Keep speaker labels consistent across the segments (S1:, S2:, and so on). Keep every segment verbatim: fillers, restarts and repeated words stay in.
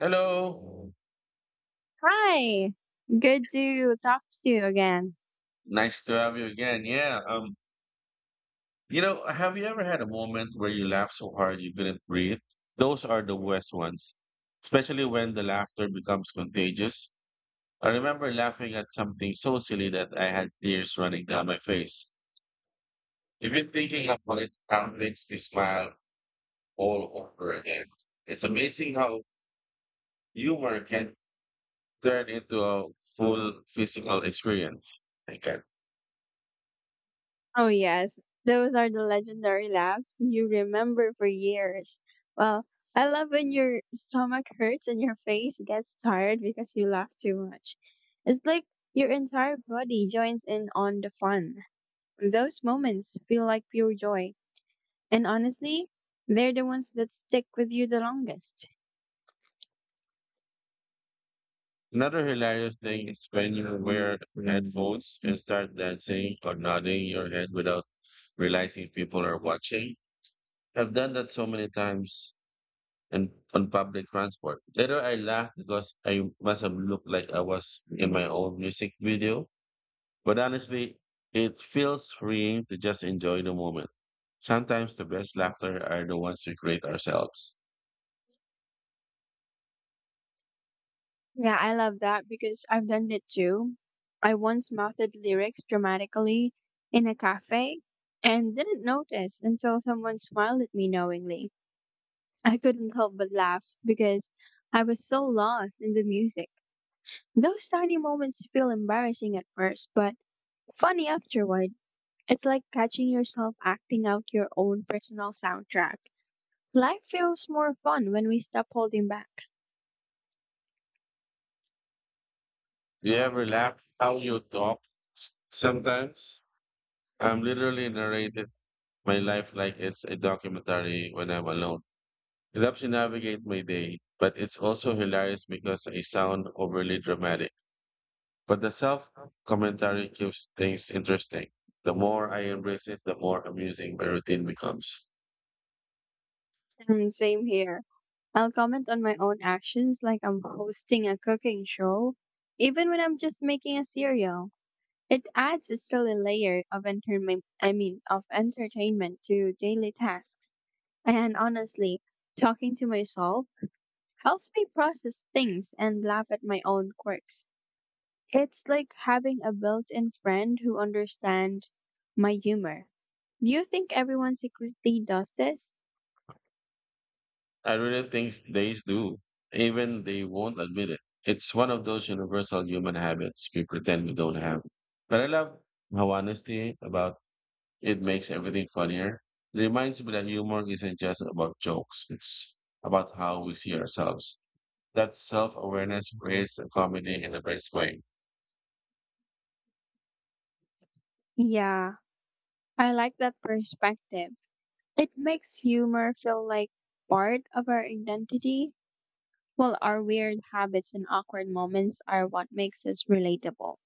S1: Hello.
S2: Hi, good to talk to you again.
S1: Nice to have you again. Yeah. Um, you know, have you ever had a moment where you laughed so hard you couldn't breathe? Those are the worst ones, especially when the laughter becomes contagious. I remember laughing at something so silly that I had tears running down my face. Even thinking about it now makes me smile all over again. It's amazing how humor can turn into a full physical experience. Thank you.
S2: Oh, yes, those are the legendary laughs you remember for years. Well, I love when your stomach hurts and your face gets tired because you laugh too much. It's like your entire body joins in on the fun. Those moments feel like pure joy. And honestly, they're the ones that stick with you the longest.
S1: Another hilarious thing is when you wear headphones and start dancing or nodding your head without realizing people are watching. I've done that so many times and on public transport. Later I laughed because I must have looked like I was in my own music video. But honestly, it feels freeing to just enjoy the moment. Sometimes the best laughter are the ones we create ourselves.
S2: Yeah, I love that because I've done it too. I once mouthed lyrics dramatically in a cafe and didn't notice until someone smiled at me knowingly. I couldn't help but laugh because I was so lost in the music. Those tiny moments feel embarrassing at first, but funny afterward. It's like catching yourself acting out your own personal soundtrack. Life feels more fun when we stop holding back.
S1: Do you ever laugh how you talk? Sometimes I'm literally narrating my life like it's a documentary when I'm alone. It helps me navigate my day, but it's also hilarious because I sound overly dramatic. But the self commentary keeps things interesting. The more I embrace it, the more amusing my routine becomes.
S2: And same here. I'll comment on my own actions like I'm hosting a cooking show, even when I'm just making a cereal. It adds a silly layer of entertainment, I mean, of entertainment to daily tasks. And honestly, talking to myself helps me process things and laugh at my own quirks. It's like having a built-in friend who understands my humor. Do you think everyone secretly does this?
S1: I really think they do, even they won't admit it. It's one of those universal human habits we pretend we don't have. But I love how honesty about It makes everything funnier. It reminds me that humor isn't just about jokes, it's about how we see ourselves. That self awareness creates a comedy in the best way.
S2: Yeah, I like that perspective. It makes humor feel like part of our identity, while our weird habits and awkward moments are what makes us relatable.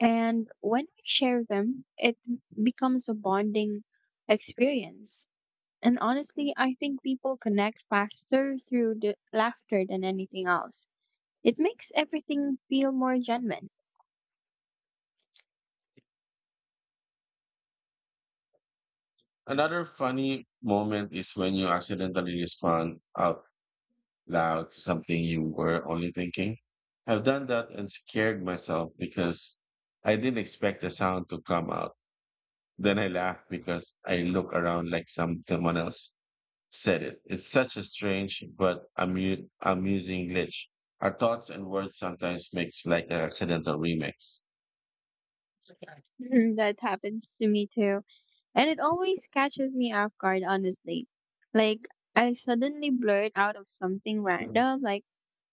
S2: And when we share them, it becomes a bonding experience. And honestly, I think people connect faster through the laughter than anything else. It makes everything feel more genuine.
S1: Another funny moment is when you accidentally respond out loud to something you were only thinking. I've done that and scared myself because I didn't expect the sound to come out. Then I laughed because I look around like some someone else said it. It's such a strange but amu- amusing glitch. Our thoughts and words sometimes mix like an accidental remix.
S2: That happens to me too. And it always catches me off guard, honestly. Like, I suddenly blurt out of something random, like,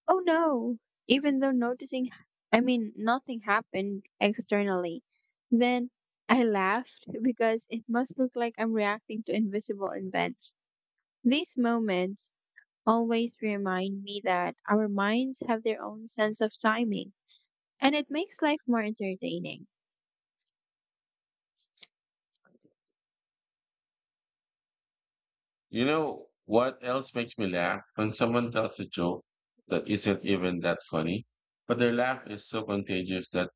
S2: oh no, even though noticing, I mean, nothing happened externally. Then I laughed because it must look like I'm reacting to invisible events. These moments always remind me that our minds have their own sense of timing, and it makes life more entertaining.
S1: You know what else makes me laugh? When someone tells a joke that isn't even that funny, but their laugh is so contagious that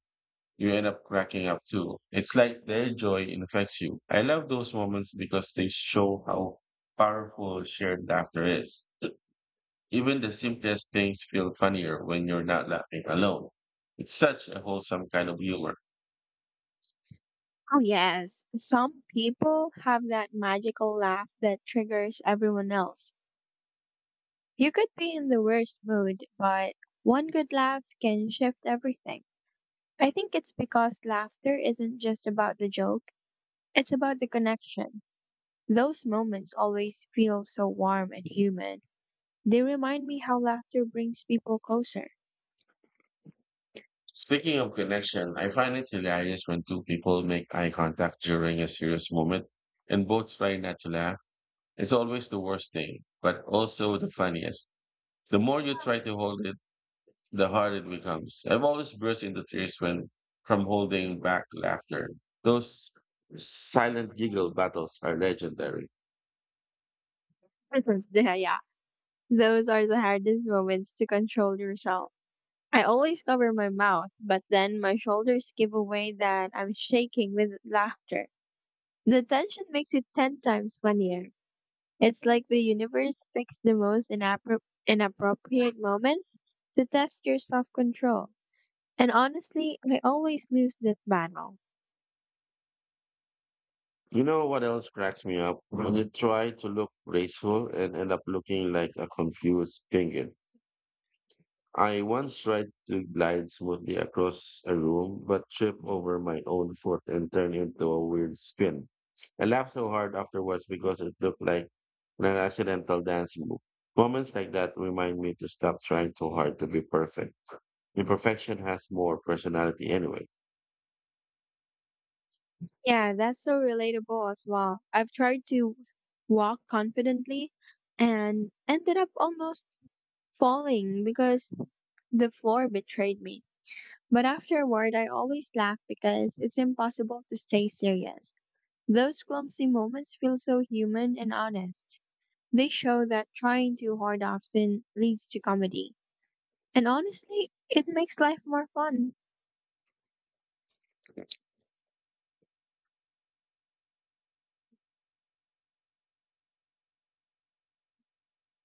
S1: you end up cracking up too. It's like their joy infects you. I love those moments because they show how powerful shared laughter is. Even the simplest things feel funnier when you're not laughing alone. It's such a wholesome kind of humor.
S2: Oh, yes. Some people have that magical laugh that triggers everyone else. You could be in the worst mood, but one good laugh can shift everything. I think it's because laughter isn't just about the joke, it's about the connection. Those moments always feel so warm and human. They remind me how laughter brings people closer.
S1: Speaking of connection, I find it hilarious when two people make eye contact during a serious moment and both try not to laugh. It's always the worst thing, but also the funniest. The more you try to hold it, the harder it becomes. I've always burst into tears when from holding back laughter. Those silent giggle battles are legendary.
S2: Yeah, yeah. Those are the hardest moments to control yourself. I always cover my mouth, but then my shoulders give away that I'm shaking with laughter. The tension makes it ten times funnier. It's like the universe picks the most inappro- inappropriate moments to test your self control. And honestly, I always lose that battle.
S1: You know what else cracks me up? When you try to look graceful and end up looking like a confused penguin. I once tried to glide smoothly across a room, but tripped over my own foot and turned into a weird spin. I laughed so hard afterwards because it looked like an accidental dance move. Moments like that remind me to stop trying too hard to be perfect. Imperfection has more personality anyway.
S2: Yeah, that's so relatable as well. I've tried to walk confidently and ended up almost falling because the floor betrayed me. But afterward, I always laugh because it's impossible to stay serious. Those clumsy moments feel so human and honest. They show that trying too hard often leads to comedy. And honestly, it makes life more fun.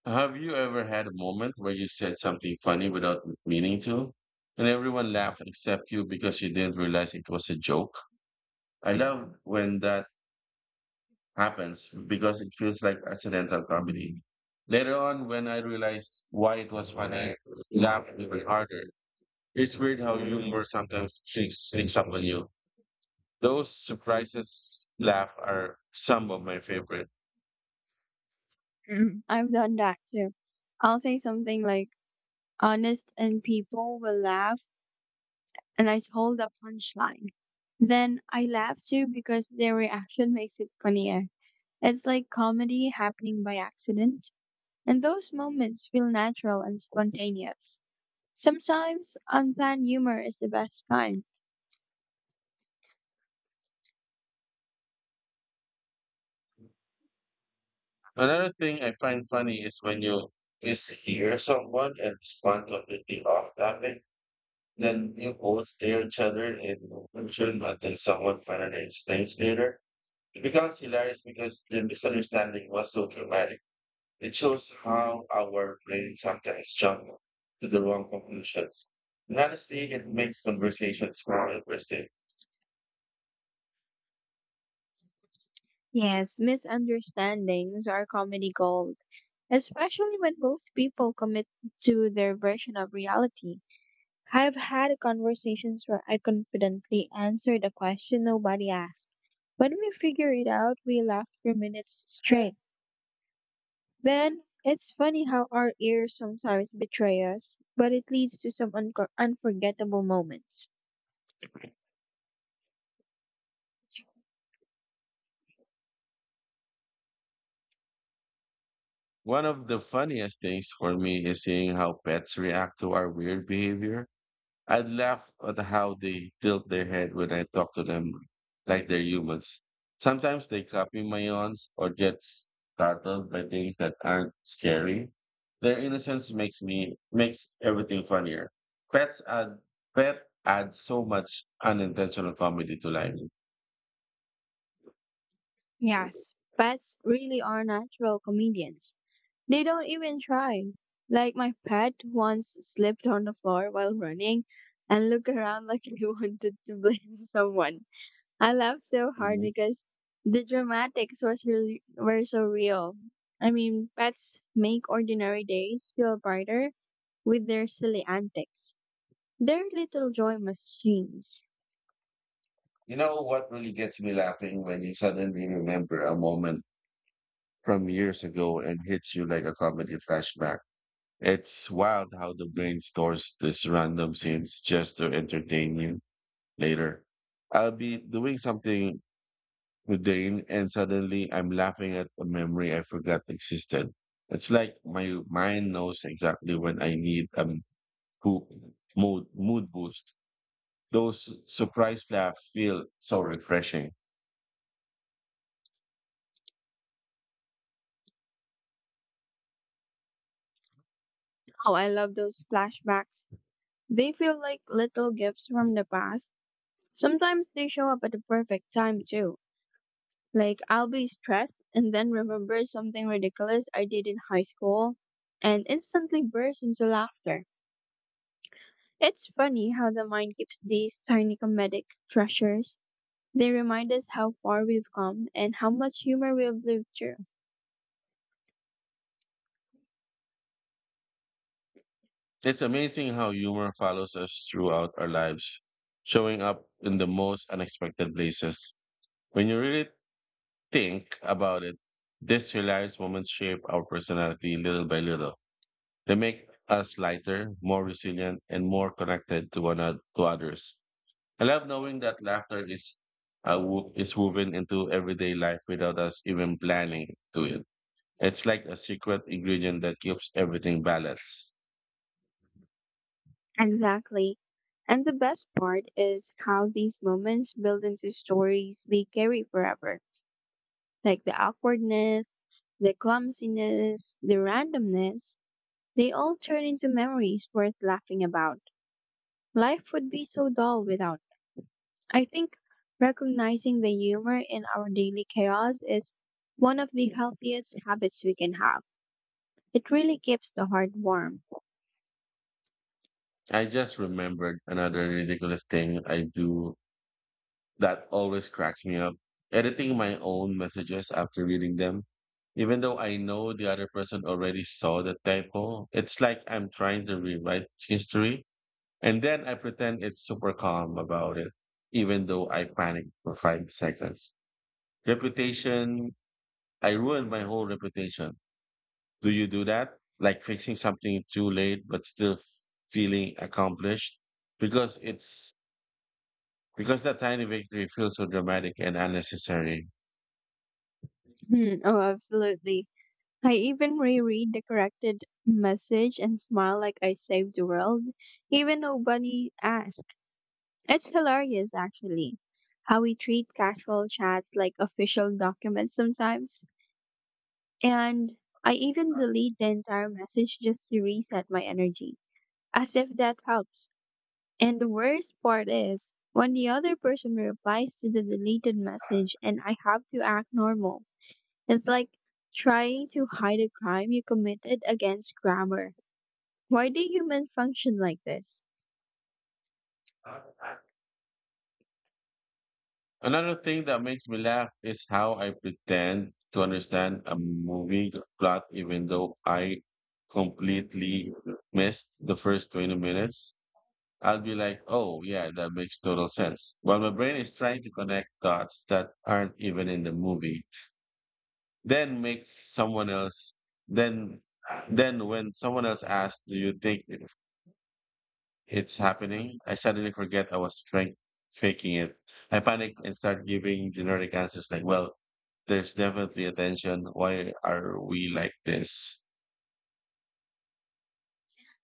S1: Have you ever had a moment where you said something funny without meaning to? And everyone laughed except you because you didn't realize it was a joke? I love when that happens because it feels like accidental comedy. Later on, when I realized why it was funny, I laughed even harder. It's weird how humor sometimes sneaks sneaks up on you. Those surprises laugh are some of my favorite.
S2: I've done that too. I'll say something like honest and people will laugh and I hold a punchline. Then I laugh too because their reaction makes it funnier. It's like comedy happening by accident. And those moments feel natural and spontaneous. Sometimes unplanned humor is the best kind.
S1: Another thing I find funny is when you mishear someone and respond completely off topic, then you both stare at each other in confusion until someone finally explains later. It becomes hilarious because the misunderstanding was so dramatic. It shows how our brains sometimes jump to the wrong conclusions. And honestly, it makes conversations more interesting.
S2: Yes, misunderstandings are comedy gold, especially when both people commit to their version of reality. I've had conversations where I confidently answered a question nobody asked. When we figure it out, we laugh for minutes straight. Then it's funny how our ears sometimes betray us, but it leads to some unco unforgettable moments.
S1: One of the funniest things for me is seeing how pets react to our weird behavior. I laugh at how they tilt their head when I talk to them like they're humans. Sometimes they copy my yawns or get startled by things that aren't scary. Their innocence makes me makes everything funnier. Pets add Pet adds so much unintentional comedy to life.
S2: Yes, pets really are natural comedians. They don't even try. Like my pet once slipped on the floor while running and looked around like he wanted to blame someone. I laughed so hard
S1: Mhm.
S2: because the dramatics was really were so real. I mean, pets make ordinary days feel brighter with their silly antics. They're little joy machines.
S1: You know what really gets me laughing when you suddenly remember a moment from years ago and hits you like a comedy flashback. It's wild how the brain stores these random scenes just to entertain you later. I'll be doing something mundane and suddenly I'm laughing at a memory I forgot existed. It's like my mind knows exactly when I need a poop mood, mood boost. Those surprise laughs feel so refreshing.
S2: Oh, I love those flashbacks. They feel like little gifts from the past. Sometimes they show up at the perfect time too. Like I'll be stressed and then remember something ridiculous I did in high school and instantly burst into laughter. It's funny how the mind keeps these tiny comedic treasures. They remind us how far we've come and how much humor we've lived through.
S1: It's amazing how humor follows us throughout our lives, showing up in the most unexpected places. When you really think about it, these hilarious moments shape our personality little by little. They make us lighter, more resilient, and more connected to one another, to others. I love knowing that laughter is uh, wo- is woven into everyday life without us even planning to it. It's like a secret ingredient that keeps everything balanced.
S2: Exactly. And the best part is how these moments build into stories we carry forever. Like the awkwardness, the clumsiness, the randomness, they all turn into memories worth laughing about. Life would be so dull without it. I think recognizing the humor in our daily chaos is one of the healthiest habits we can have. It really keeps the heart warm.
S1: I just remembered another ridiculous thing I do that always cracks me up. Editing my own messages after reading them, even though I know the other person already saw the typo. It's like I'm trying to rewrite history, and then I pretend it's super calm about it, even though I panic for five seconds. Reputation, I ruined my whole reputation. Do you do that? Like fixing something too late, but still f- feeling accomplished? because it's Because that tiny victory feels so dramatic and unnecessary.
S2: Hmm, oh, absolutely. I even reread the corrected message and smile like I saved the world, even nobody asked. It's hilarious, actually, how we treat casual chats like official documents sometimes. And I even delete the entire message just to reset my energy, as if that helps. And the worst part is when the other person replies to the deleted message and I have to act normal. It's like trying to hide a crime you committed against grammar. Why do humans function like this?
S1: Another thing that makes me laugh is how I pretend to understand a movie plot even though I completely missed the first twenty minutes. I'll be like, oh, yeah, that makes total sense. While my brain is trying to connect dots that aren't even in the movie, then makes someone else, then, then when someone else asks, do you think it's, it's happening? I suddenly forget I was frank, faking it. I panic and start giving generic answers like, well, there's definitely attention. Why are we like this?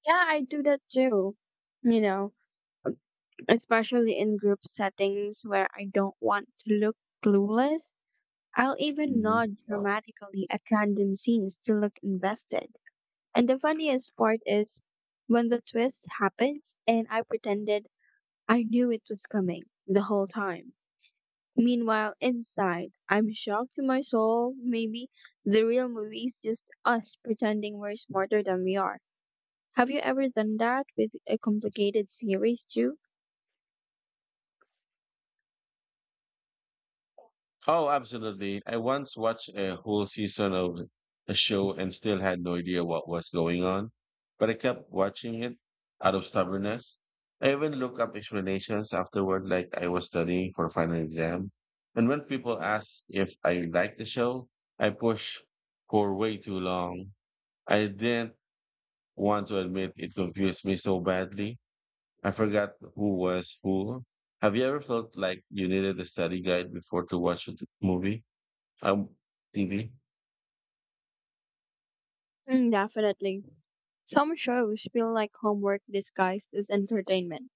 S2: Yeah, I do that too. You know, especially in group settings where I don't want to look clueless. I'll even nod dramatically at random scenes to look invested. And the funniest part is when the twist happens and I pretended I knew it was coming the whole time. Meanwhile, inside, I'm shocked to my soul. Maybe the real movie is just us pretending we're smarter than we are. Have you ever done that with a complicated series too?
S1: Oh, absolutely. I once watched a whole season of a show and still had no idea what was going on, but I kept watching it out of stubbornness. I even looked up explanations afterward, like I was studying for a final exam. And when people asked if I liked the show, I pushed for way too long. I didn't want to admit it confused me so badly. I forgot who was who. Have you ever felt like you needed a study guide before to watch a t- movie? Um, T V.
S2: Mm, definitely. Some shows feel like homework disguised as entertainment.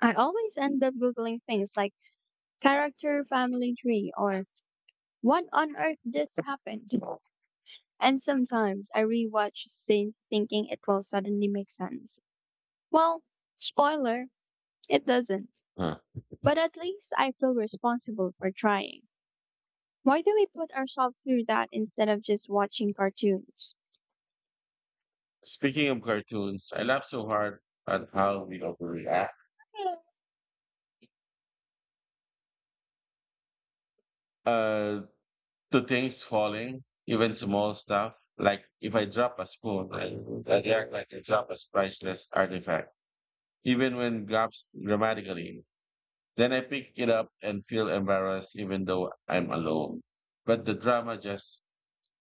S2: I always end up Googling things like character family tree or what on earth just happened. And sometimes I rewatch scenes thinking it will suddenly make sense. Well, spoiler, it doesn't.
S1: Huh.
S2: But at least I feel responsible for trying. Why do we put ourselves through that instead of just watching cartoons?
S1: Speaking of cartoons, I laugh so hard at how we overreact uh, to things falling, even small stuff. Like if I drop a spoon, I, I react like I drop a priceless artifact, even when gaps dramatically. Then I pick it up and feel embarrassed, even though I'm alone. But the drama just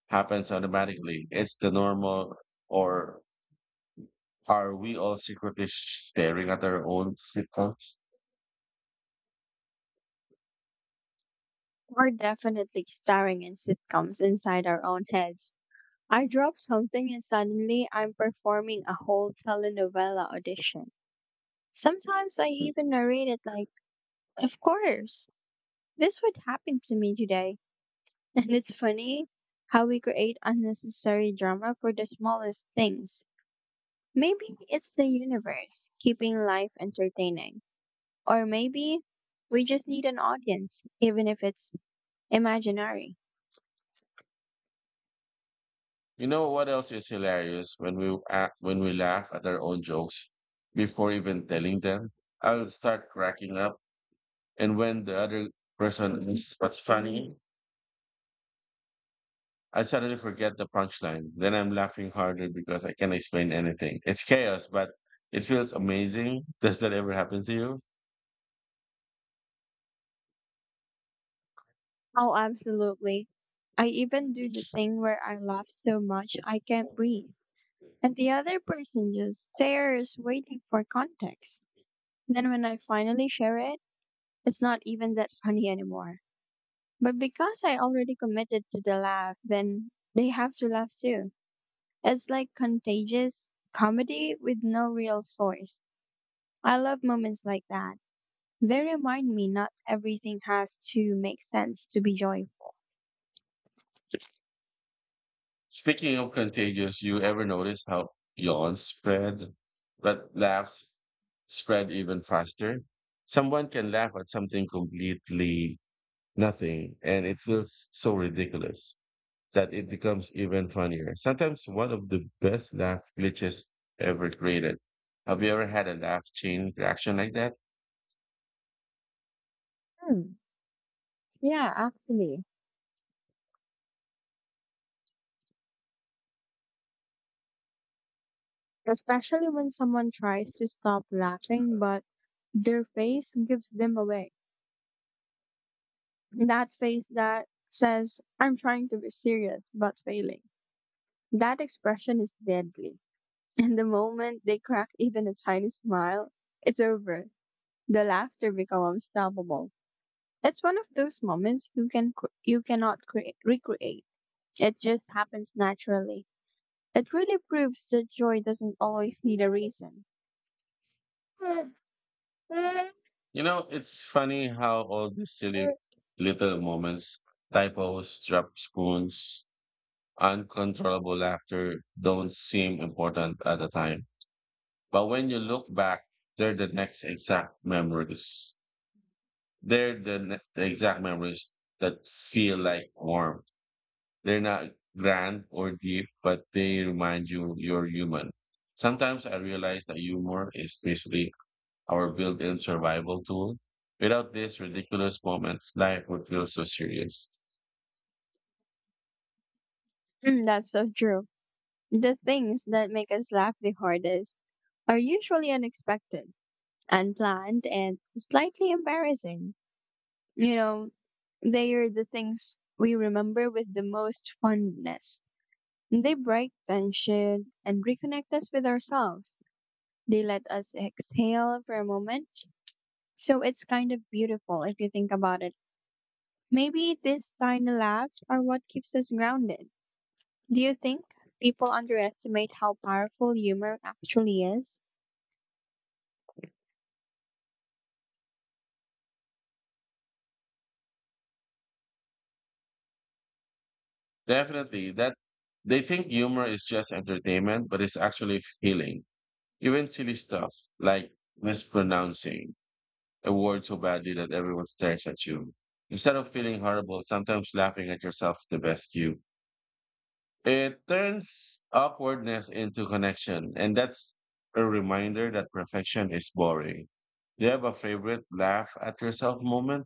S1: happens automatically. It's the normal, or are we all secretly staring at our own sitcoms?
S2: We're definitely starring in sitcoms inside our own heads. I drop something and suddenly I'm performing a whole telenovela audition. Sometimes I even narrate it like, of course, this would happen to me today. And it's funny how we create unnecessary drama for the smallest things. Maybe it's the universe keeping life entertaining. Or maybe we just need an audience, even if it's imaginary.
S1: You know what else is hilarious when we act, when we laugh at our own jokes before even telling them? I'll start cracking up, and when the other person asks what's funny, I suddenly forget the punchline. Then I'm laughing harder because I can't explain anything. It's chaos, but it feels amazing. Does that ever happen to you?
S2: Oh, absolutely. I even do the thing where I laugh so much I can't breathe. And the other person just stares, waiting for context. Then when I finally share it, it's not even that funny anymore. But because I already committed to the laugh, then they have to laugh too. It's like contagious comedy with no real source. I love moments like that. They remind me not everything has to make sense to be joyful.
S1: Speaking of contagious, you ever notice how yawns spread, but laughs spread even faster? Someone can laugh at something completely nothing and it feels so ridiculous that it becomes even funnier. Sometimes one of the best laugh glitches ever created. Have you ever had a laugh chain reaction like that?
S2: Hmm. Yeah, actually. Especially when someone tries to stop laughing, but their face gives them away. That face that says, I'm trying to be serious, but failing. That expression is deadly. And the moment they crack even a tiny smile, it's over. The laughter becomes unstoppable. It's one of those moments you can cr- you cannot create, recreate. It just happens naturally. It really proves that joy doesn't always need a reason.
S1: You know, it's funny how all these silly little moments, typos, dropped spoons, uncontrollable laughter, don't seem important at the time. But when you look back, they're the next exact memories. They're the, ne- the exact memories that feel like warm. They're not grand or deep, but they remind you you're human. Sometimes I realize that humor is basically our built-in survival tool. Without these ridiculous moments, life would feel so serious.
S2: Mm, that's so true. The things that make us laugh the hardest are usually unexpected, unplanned, and slightly embarrassing. You know, they are the things we remember with the most fondness. They break tension and reconnect us with ourselves. They let us exhale for a moment. So it's kind of beautiful if you think about it. Maybe these tiny laughs are what keeps us grounded. Do you think people underestimate how powerful humor actually is?
S1: Definitely, that they think humor is just entertainment, but it's actually healing. Even silly stuff like mispronouncing a word so badly that everyone stares at you. Instead of feeling horrible, sometimes laughing at yourself is the best cue. It turns awkwardness into connection, and that's a reminder that perfection is boring. Do you have a favorite laugh at yourself moment?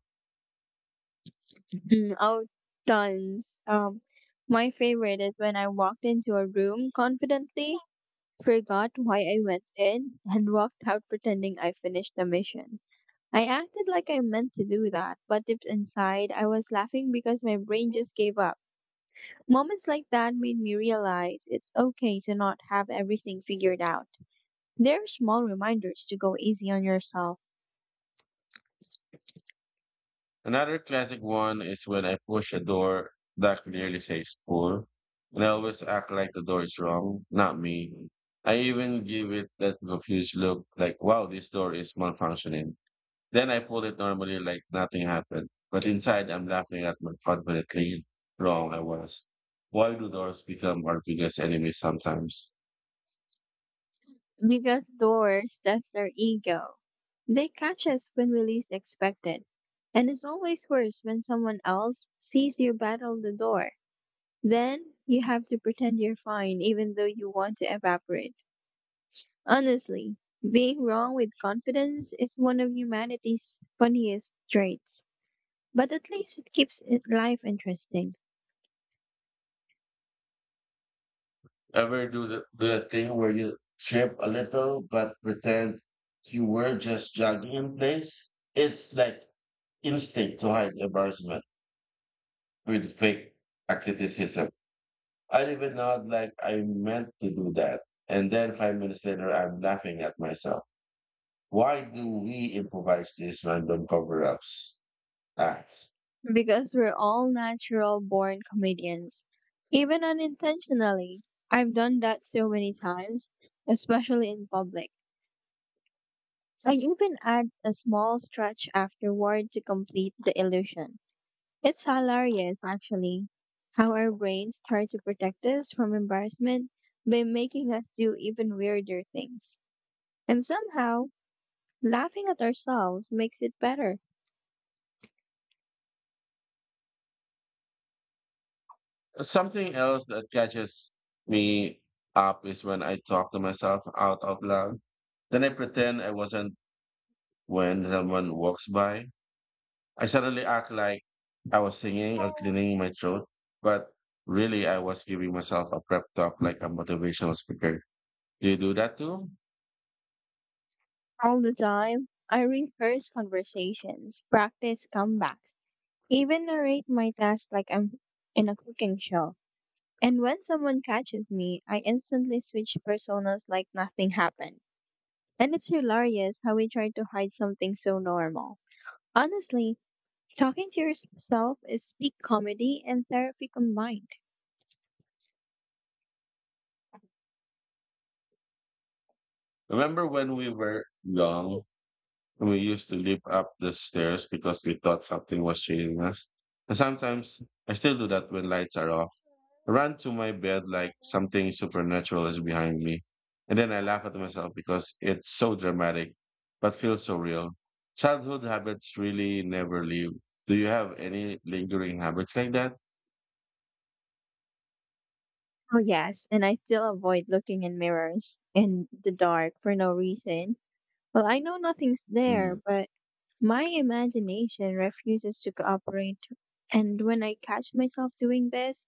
S2: Mm, oh, Tons. Um, my favorite is when I walked into a room confidently forgot why I went in and walked out pretending I finished the mission. I acted like I meant to do that, but deep inside, I was laughing because my brain just gave up. Moments like that made me realize it's okay to not have everything figured out. They're small reminders to go easy on yourself
S1: Another classic one is when I push a door that clearly says pull, and I always act like the door is wrong, not me. I even give it that confused look, like, wow, this door is malfunctioning. Then I pull it normally, like nothing happened. But inside, I'm laughing at how confidently wrong I was. Why do doors become our biggest enemies sometimes?
S2: because doors, that's our ego. They catch us when we least expect it. And it's always worse when someone else sees you battle the door. Then you have to pretend you're fine even though you want to evaporate. Honestly, being wrong with confidence is one of humanity's funniest traits. But at least it keeps it life interesting
S1: Ever do the, do the thing where you trip a little but pretend you were just jogging in place? It's like instinct to hide embarrassment with fake uh, criticism. I even nod like I meant to do that. And then five minutes later, I'm laughing at myself. Why do we improvise these random cover ups acts?
S2: because we're all natural born comedians, even unintentionally. I've done that so many times, especially in public. I even add a small stretch afterward to complete the illusion. It's hilarious, actually, how our brains try to protect us from embarrassment by making us do even weirder things. And somehow, laughing at ourselves makes it better.
S1: Something else that catches me up is when I talk to myself out out loud. Then I pretend I wasn't when someone walks by. I suddenly act like I was singing or cleaning my throat, but really I was giving myself a prep talk like a motivational speaker. Do you do that too?
S2: All the time, I rehearse conversations, practice comebacks, even narrate my task like I'm in a cooking show. And when someone catches me, I instantly switch personas like nothing happened. And it's hilarious how we try to hide something so normal. Honestly, talking to yourself is peak comedy and therapy combined.
S1: Remember when we were young. We used to leap up the stairs because we thought something was chasing us. And sometimes I still do that when lights are off. I run to my bed like something supernatural is behind me. And then I laugh at myself because it's so dramatic, but feels so real. Childhood habits really never leave. Do you have any lingering habits like that?
S2: Oh yes, and I still avoid looking in mirrors in the dark for no reason. Well, I know nothing's there,
S1: Mm,
S2: but my imagination refuses to cooperate. And when I catch myself doing this,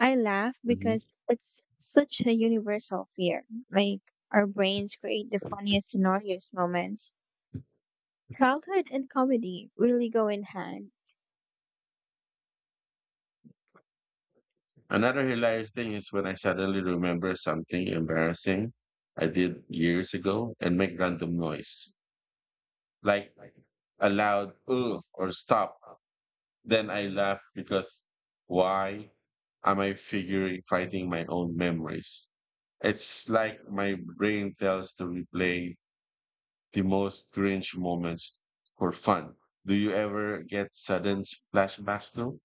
S2: I laugh
S1: mhm.
S2: because it's such a universal fear. Like our brains create the funniest scenarios moments. Childhood and comedy really go in hand.
S1: Another hilarious thing is when I suddenly remember something embarrassing I did years ago and make random noise. Like a loud ugh or stop. Then I laugh because why am I figuring fighting my own memories? It's like my brain tells to replay the most cringe moments for fun. Do you ever get sudden flashbacks too?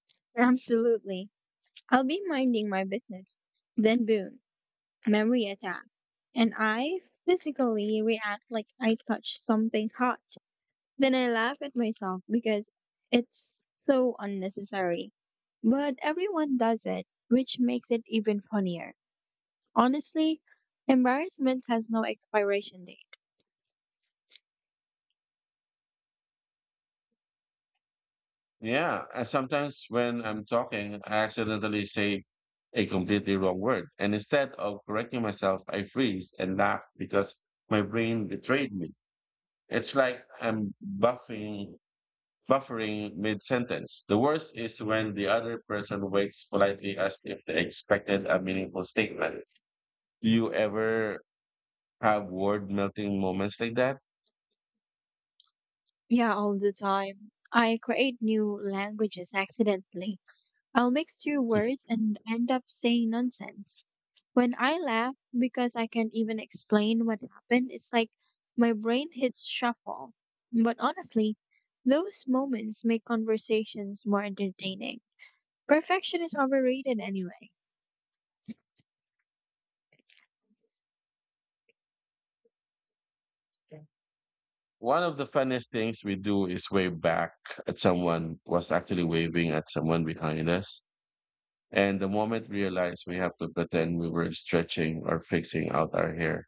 S2: Absolutely. I'll be minding my business. Then boom, memory attack. And I physically react like I touched something hot. Then I laugh at myself because it's so unnecessary. But everyone does it, which makes it even funnier. Honestly, embarrassment has no expiration date.
S1: Yeah, and sometimes when I'm talking, I accidentally say a completely wrong word. And instead of correcting myself, I freeze and laugh because my brain betrayed me. It's like I'm buffing, buffering mid sentence. The worst is when the other person waits politely as if they expected a meaningful statement. Do you ever have word melting moments like that?
S2: Yeah, all the time. I create new languages accidentally. I'll mix two words and end up saying nonsense. When I laugh because I can't even explain what happened, it's like my brain hits shuffle. But honestly, those moments make conversations more entertaining. Perfection is overrated anyway.
S1: One of the funniest things we do is wave back at someone was actually waving at someone behind us. And the moment we realize we have to pretend we were stretching or fixing out our hair.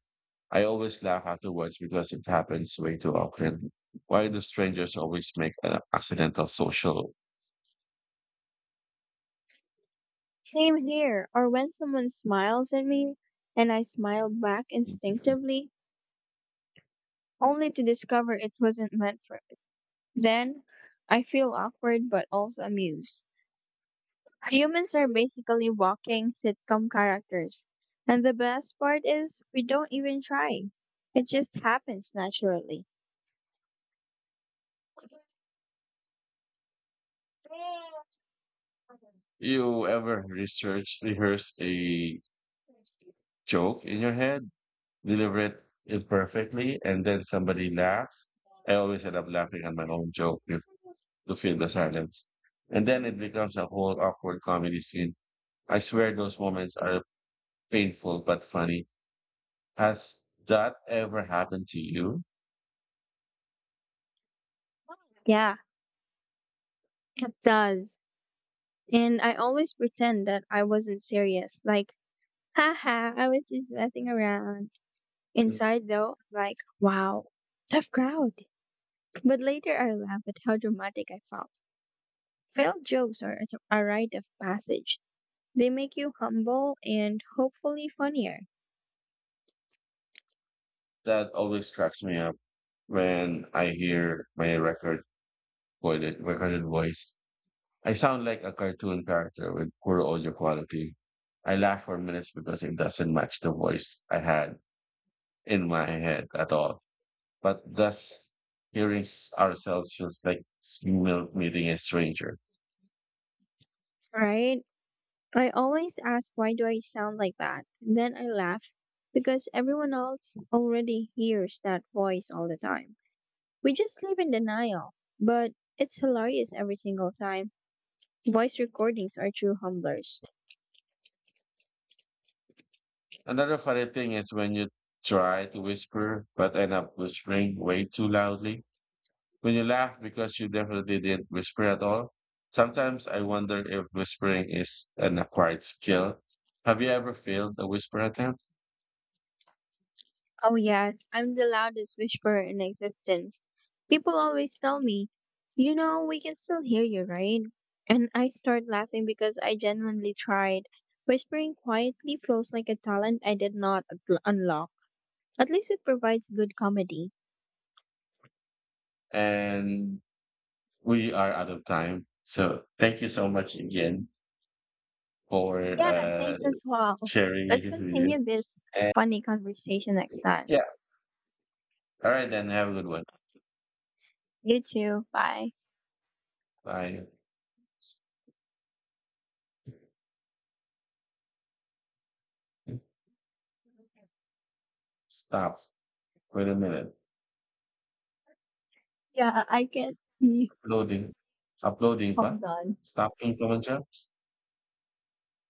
S1: I always laugh afterwards because it happens way too often. Why do strangers always make an accidental social?
S2: Same here, or when someone smiles at me and I smile back instinctively, only to discover it wasn't meant for me. Then I feel awkward but also amused. Humans are basically walking sitcom characters. And the best part is, we don't even try. It just happens naturally.
S1: You ever research, rehearse a joke in your head, deliver it imperfectly, and then somebody laughs? I always end up laughing at my own joke to to fill the silence. And then it becomes a whole awkward comedy scene. I swear those moments are painful but funny. Has that ever happened to you?
S2: Yeah, it does. And I always pretend that I wasn't serious. Like, haha, I was just messing around. Inside, though, I'm like, wow, tough crowd. But later I laugh at how dramatic I felt. Failed jokes are a a rite of passage. They make you humble and hopefully funnier.
S1: That always cracks me up when I hear my record recorded, recorded voice. I sound like a cartoon character with poor audio quality. I laugh for minutes because it doesn't match the voice I had in my head at all. But thus, hearing s- ourselves feels like s- mil- meeting a stranger.
S2: Right? I always ask why do I sound like that? Then I laugh because everyone else already hears that voice all the time. We just live in denial, but it's hilarious every single time. Voice recordings are true humblers.
S1: Another funny thing is when you try to whisper but end up whispering way too loudly. When you laugh because you definitely didn't whisper at all. Sometimes I wonder if whispering is an acquired skill. Have you ever failed a whisper attempt?
S2: Oh yes, I'm the loudest whisperer in existence. People always tell me, you know, we can still hear you, right? And I start laughing because I genuinely tried. Whispering quietly feels like a talent I did not unlo- unlock. At least it provides good comedy.
S1: And we are out of time. So thank you so much again for
S2: Yeah,
S1: uh,
S2: thanks as well.
S1: sharing
S2: Let's
S1: it with you.
S2: continue this
S1: And
S2: funny conversation next time.
S1: yeah, all right then. Have a good one.
S2: You too. Bye.
S1: Bye. Stop. Wait a minute.
S2: Yeah, I can be.
S1: Uploading. Uploading pa?
S2: Hold on.
S1: Stopping pa man siya?